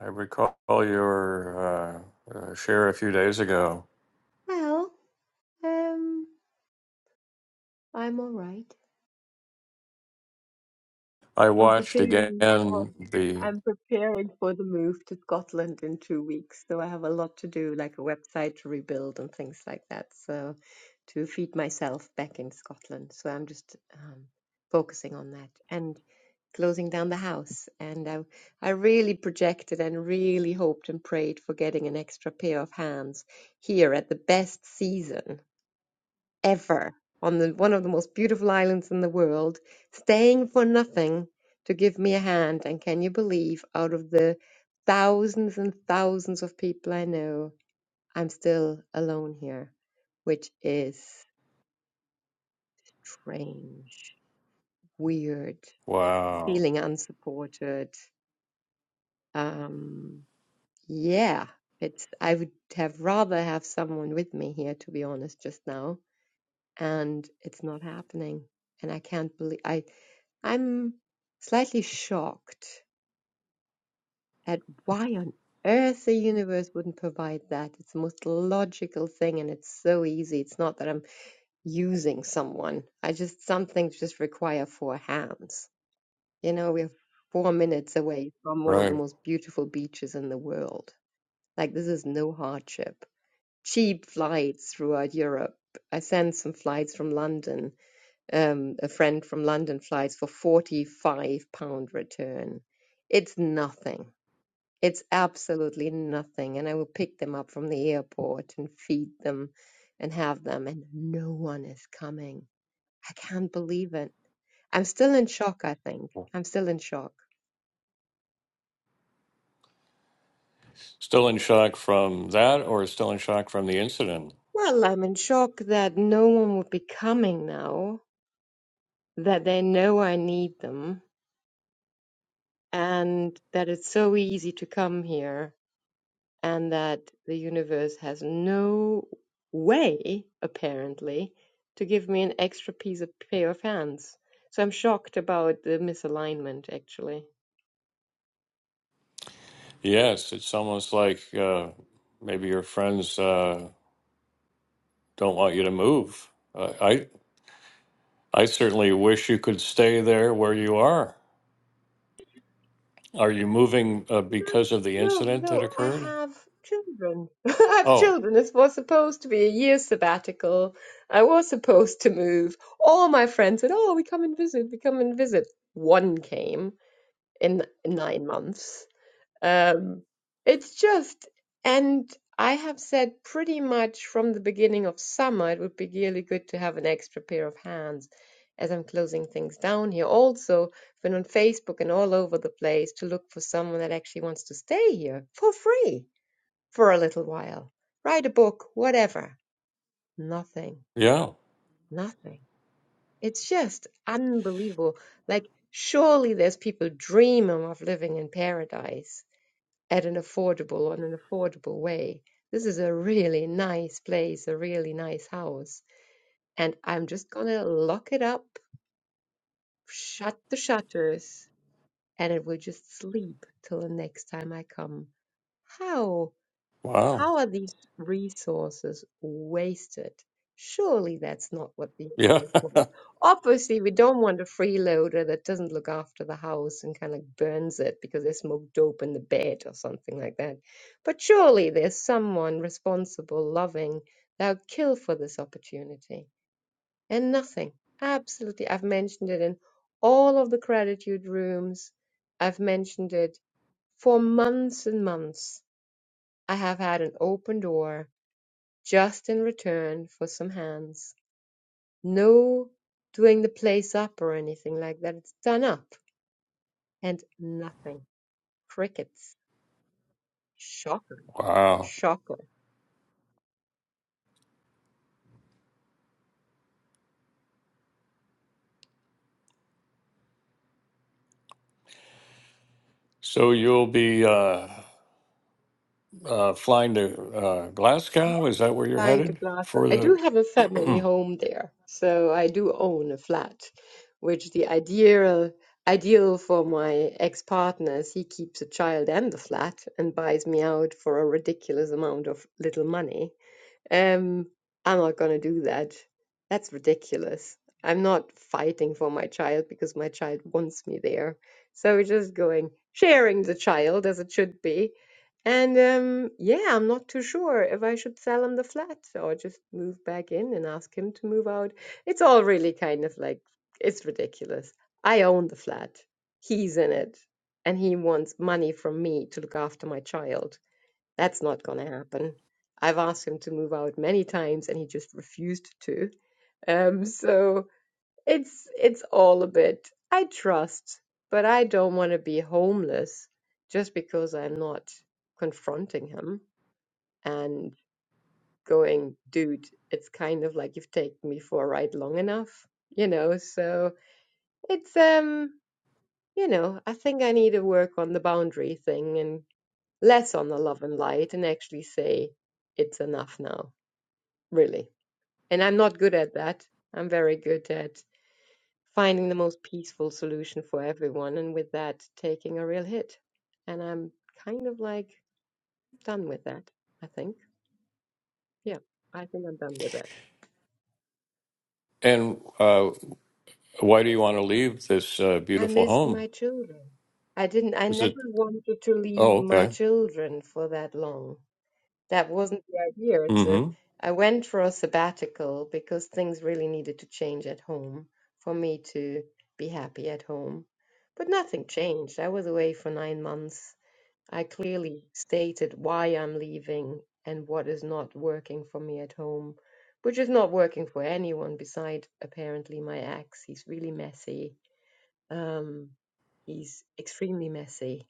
Speaker 1: I recall your uh, uh, share a few days ago.
Speaker 5: Well, um, I'm all right.
Speaker 1: I
Speaker 5: I'm
Speaker 1: watched again
Speaker 5: preparing for
Speaker 1: the
Speaker 5: I'm preparing for the move to Scotland in two weeks, so I have a lot to do, like a website to rebuild and things like that. So to feed myself back in Scotland. So I'm just um, focusing on that and closing down the house. And I, I really projected and really hoped and prayed for getting an extra pair of hands here at the best season ever on the, one of the most beautiful islands in the world, staying for nothing to give me a hand. And can you believe, out of the thousands and thousands of people I know, I'm still alone here, which is strange, weird,
Speaker 1: wow,
Speaker 5: feeling unsupported. Um, yeah, it's, I would have rather have someone with me here, to be honest, just now. And it's not happening and I can't believe I I'm slightly shocked at why on earth the universe wouldn't provide that. It's the most logical thing and it's so easy. It's not that I'm using someone. I just, some things just require four hands. You know, we're four minutes away from one of the
Speaker 1: right?
Speaker 5: most beautiful beaches in the world. Like, this is no hardship. Cheap flights throughout Europe. I sent some flights from London. um, a friend from London flies for 45 pound return. It's nothing. It's absolutely nothing. And I will pick them up from the airport and feed them and have them. And no one is coming. I can't believe it. I'm still in shock, I think. I'm still in shock.
Speaker 1: Still in shock from that, or still in shock from the incident?
Speaker 5: Well, I'm in shock that no one would be coming now, that they know I need them, and that it's so easy to come here and that the universe has no way, apparently, to give me an extra piece of pair of hands. So I'm shocked about the misalignment, actually.
Speaker 1: Yes, it's almost like uh, maybe your friends uh, don't want you to move. Uh, I I certainly wish you could stay there where you are. Are you moving uh, because of the
Speaker 5: No,
Speaker 1: incident that
Speaker 5: no, I
Speaker 1: occurred?
Speaker 5: have children. [LAUGHS] I have
Speaker 1: Oh,
Speaker 5: children. This was supposed to be a year sabbatical. I was supposed to move. All my friends said, Oh, we come and visit, we come and visit. One came in nine months Um, it's just, and I have said pretty much from the beginning of summer, it would be really good to have an extra pair of hands as I'm closing things down here. Also, been on Facebook and all over the place to look for someone that actually wants to stay here for free for a little while, write a book, whatever. Nothing,
Speaker 1: yeah.
Speaker 5: nothing. It's just unbelievable. Like, surely there's people dreaming of living in paradise at an affordable on an affordable way. This is a really nice place, a really nice house. And I'm just gonna lock it up, shut the shutters, and it will just sleep till the next time I come. How?
Speaker 1: Wow.
Speaker 5: How are these resources wasted? Surely that's not what the
Speaker 1: Yeah.
Speaker 5: owners want. Obviously, we don't want a freeloader that doesn't look after the house and kind of burns it because they smoked dope in the bed or something like that. But surely there's someone responsible, loving, that'll kill for this opportunity. And nothing. Absolutely. I've mentioned it in all of the gratitude rooms. I've mentioned it for months and months I have had an open door just in return for some hands. No doing the place up or anything like that. It's done up and nothing. Crickets. Shocker.
Speaker 1: Wow.
Speaker 5: Shocker.
Speaker 1: So you'll be uh, uh, flying to uh, Glasgow? Is that where you're
Speaker 5: Flying to
Speaker 1: headed
Speaker 5: glass.
Speaker 1: for
Speaker 5: I do
Speaker 1: the?
Speaker 5: have a family
Speaker 1: [CLEARS THROAT]
Speaker 5: home there, so I do own a flat, which the ideal ideal for my ex-partner is he keeps a child and the flat and buys me out for a ridiculous amount of little money Um, I'm not gonna do that. That's ridiculous. I'm not fighting for my child because my child wants me there. So we're just going, sharing the child as it should be. And um, yeah, I'm not too sure if I should sell him the flat or just move back in and ask him to move out. It's all really kind of like, it's ridiculous. I own the flat, he's in it, and he wants money from me to look after my child. That's not going to happen. I've asked him to move out many times and he just refused to. Um, so it's it's all a bit I trust, but I don't want to be homeless just because I'm not confronting him and going, dude, it's kind of like you've taken me for a ride long enough, you know. So it's um, you know, I think I need to work on the boundary thing and less on the love and light and actually say it's enough now really. And I'm not good at that. I'm very good at finding the most peaceful solution for everyone, and with that, taking a real hit. And I'm kind of like done with that, I think. Yeah, I think I'm done with that.
Speaker 1: and uh, why do you want to leave this uh,
Speaker 5: I
Speaker 1: beautiful
Speaker 5: missed
Speaker 1: home?
Speaker 5: my children. I didn't, I
Speaker 1: Is
Speaker 5: never
Speaker 1: it?
Speaker 5: wanted to leave
Speaker 1: Oh,
Speaker 5: my
Speaker 1: okay.
Speaker 5: children for that long. That wasn't the idea. It's a,
Speaker 1: Mm-hmm.
Speaker 5: I went for a sabbatical because things really needed to change at home for me to be happy at home. But nothing changed. I was away for nine months. I clearly stated why I'm leaving and what is not working for me at home, which is not working for anyone beside apparently my ex. He's really messy. Um, he's extremely messy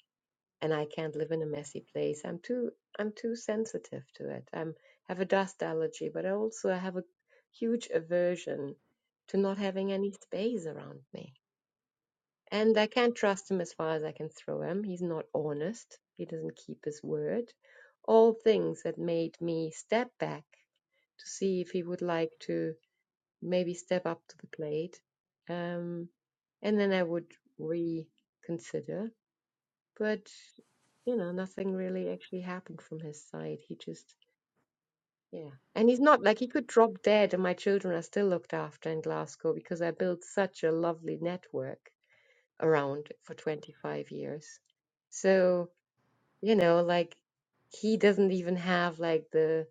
Speaker 5: and I can't live in a messy place. I'm too I'm too sensitive to it. I'm have a dust allergy, but I also have a huge aversion to not having any space around me. And I can't trust him as far as I can throw him. He's not honest. He doesn't keep his word. All things that made me step back to see if he would like to maybe step up to the plate. Um, and then I would reconsider but, you know, nothing really actually happened from his side. He just, yeah. And he's not like he could drop dead, and my children are still looked after in Glasgow because I built such a lovely network around for 25 years. So, you know, like he doesn't even have like the,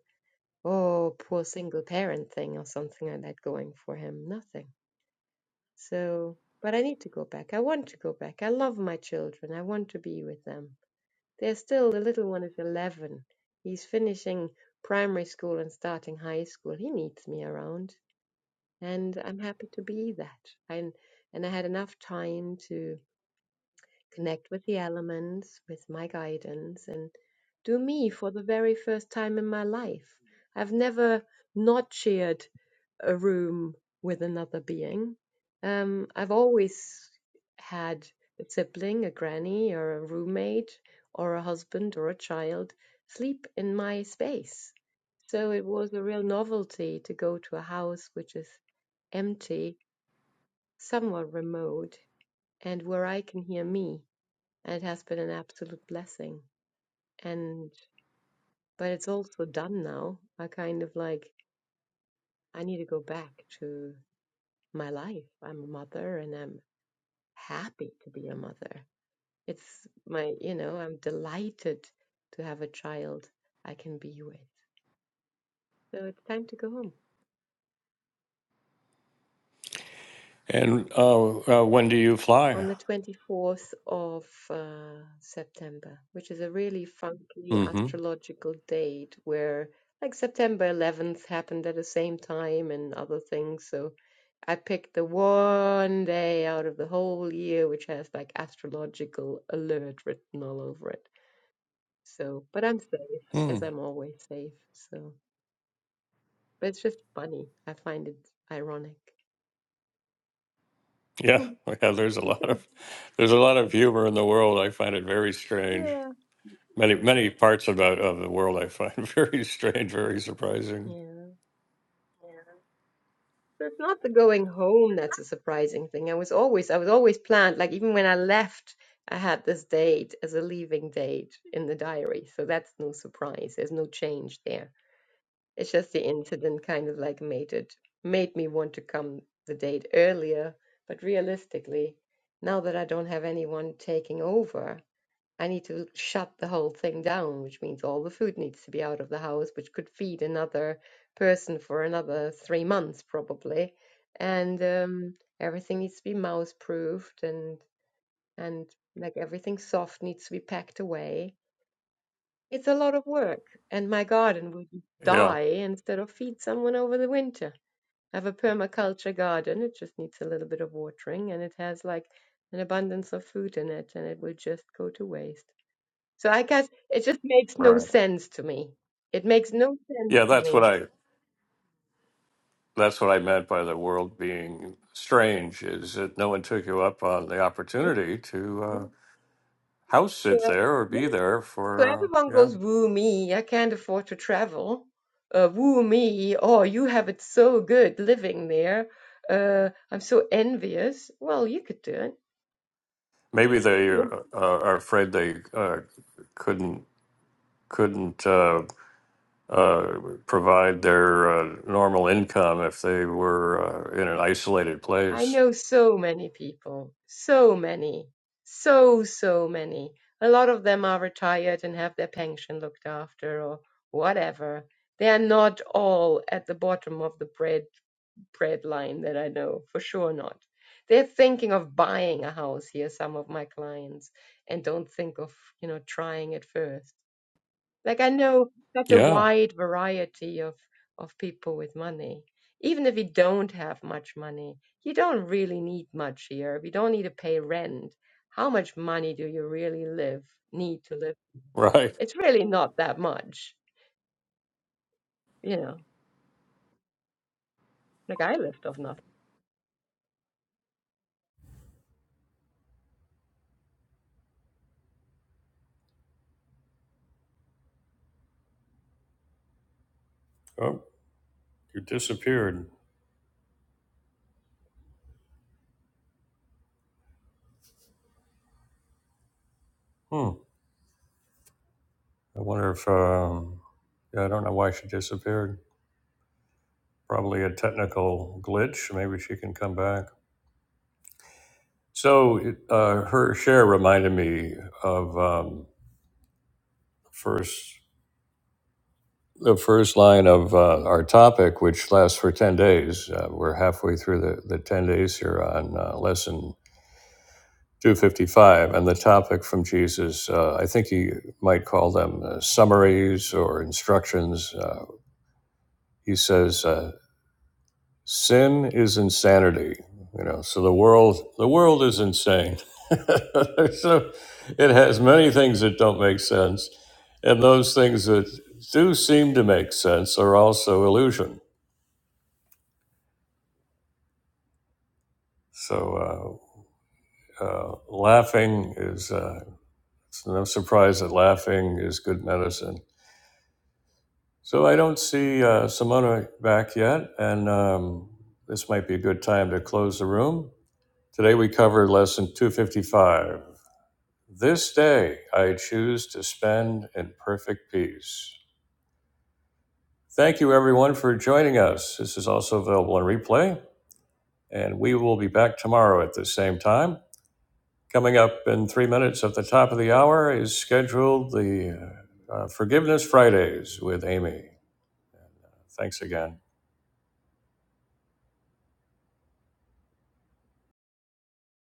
Speaker 5: oh, poor single parent thing or something like that going for him. Nothing. So, but I need to go back. I want to go back. I love my children. I want to be with them There's still the little one of 11. He's finishing primary school and starting high school. He needs me around, and I'm happy to be that. And and I had enough time to connect with the elements, with my guidance, and do me for the very first time in my life. I've never not shared a room with another being. Um, I've always had a sibling, a granny, or a roommate, or a husband, or a child sleep in my space. So it was a real novelty to go to a house which is empty, somewhat remote, and where I can hear me and It has been an absolute blessing. And, but it's also done now. I kind of like, I need to go back to my life. I'm a mother and I'm happy to be a mother. It's my, you know, I'm delighted to have a child I can be with. So it's time to go home
Speaker 1: And uh, uh, when do you
Speaker 5: on
Speaker 1: fly?
Speaker 5: the 24th of uh, September, which is a really funky
Speaker 1: Mm-hmm.
Speaker 5: astrological date where like September 11th happened at the same time and other things. So I picked the one day out of the whole year which has like astrological alert written all over it. So, but I'm safe,
Speaker 1: Hmm.
Speaker 5: as I'm always safe. So, but it's just funny. I find it ironic.
Speaker 1: Yeah.
Speaker 5: [LAUGHS]
Speaker 1: [LAUGHS] Yeah. There's a lot
Speaker 5: Yeah,
Speaker 1: of there's a lot of humor in the world. I find it very strange.
Speaker 5: yeah,
Speaker 1: Many many parts about of the world I find [LAUGHS] very strange, very surprising.
Speaker 5: yeah. So it's not the going home that's a surprising thing. I was always, I was always planned. Like even when I left, I had this date as a leaving date in the diary. So that's no surprise. There's no change there It's just the incident kind of like made it made me want to come the date earlier. But realistically, now that I don't have anyone taking over, I need to shut the whole thing down, which means all the food needs to be out of the house, which could feed another person for another three months probably. And um, everything needs to be mouse proofed and and like everything soft needs to be packed away it's a lot of work, and my garden would
Speaker 1: Yeah.
Speaker 5: die instead of feed someone over the winter. I have a permaculture garden. It just needs a little bit of watering, and it has like an abundance of food in it, and it will just go to waste. So I guess it just makes no
Speaker 1: Right.
Speaker 5: sense to me. It makes no sense
Speaker 1: Yeah,
Speaker 5: to
Speaker 1: that's what
Speaker 5: me.
Speaker 1: I that's what I meant by the world being strange is that no one took you up on the
Speaker 5: Yeah,
Speaker 1: opportunity to uh,
Speaker 5: yeah.
Speaker 1: house sit there or
Speaker 5: So,
Speaker 1: be there
Speaker 5: So
Speaker 1: for uh,
Speaker 5: everyone
Speaker 1: yeah
Speaker 5: goes, woo me, I can't afford to travel. Uh, woo me, oh, you have it so good living there. Uh, I'm so envious. Well, you could do it.
Speaker 1: maybe they uh,
Speaker 5: Yeah.
Speaker 1: uh, are afraid they uh, couldn't couldn't uh, uh, provide their uh, normal income if they were uh, in an isolated
Speaker 5: I
Speaker 1: place.
Speaker 5: know so many people, so many, so, so many. A lot of them are retired and have their pension looked after or whatever. They are not all at the bottom of the bread. bread line that I know for sure not. They're thinking of buying a house here, some of my clients, and don't think of, you know, trying it first. Like I know such a
Speaker 1: Yeah,
Speaker 5: wide variety of of people with money. Even if you don't have much money, you don't really need much here. We don't need to pay rent. How much money do you really live need to live?
Speaker 1: right.
Speaker 5: It's really not that much, you know. Like I lived off nothing
Speaker 1: Oh, you disappeared. Hmm. I wonder if um, yeah, I don't know why she disappeared. probably a technical glitch. Maybe she can come back. So uh, her share reminded me of um, first the first line of uh, our topic, which lasts for ten days. Uh, we're halfway through the, the ten days here on uh, lesson two fifty five, and the topic from Jesus. Uh, I think he might call them uh, summaries or instructions. Uh, he says. Uh, Sin is insanity, you know. So the world, the world is insane. [LAUGHS] so it has many things that don't make sense, and those things that do seem to make sense are also illusion. So uh, uh, laughing is uh, it's no surprise that laughing is good medicine. So I don't see uh, Simona back yet, and um, this might be a good time to close the room. Today we covered lesson 255. This day I choose to spend in perfect peace. Thank you, everyone, for joining us. This is also available on replay, and we will be back tomorrow at the same time. Coming up in three minutes at the top of the hour is scheduled the uh, Forgiveness Fridays with Amy. Thanks again.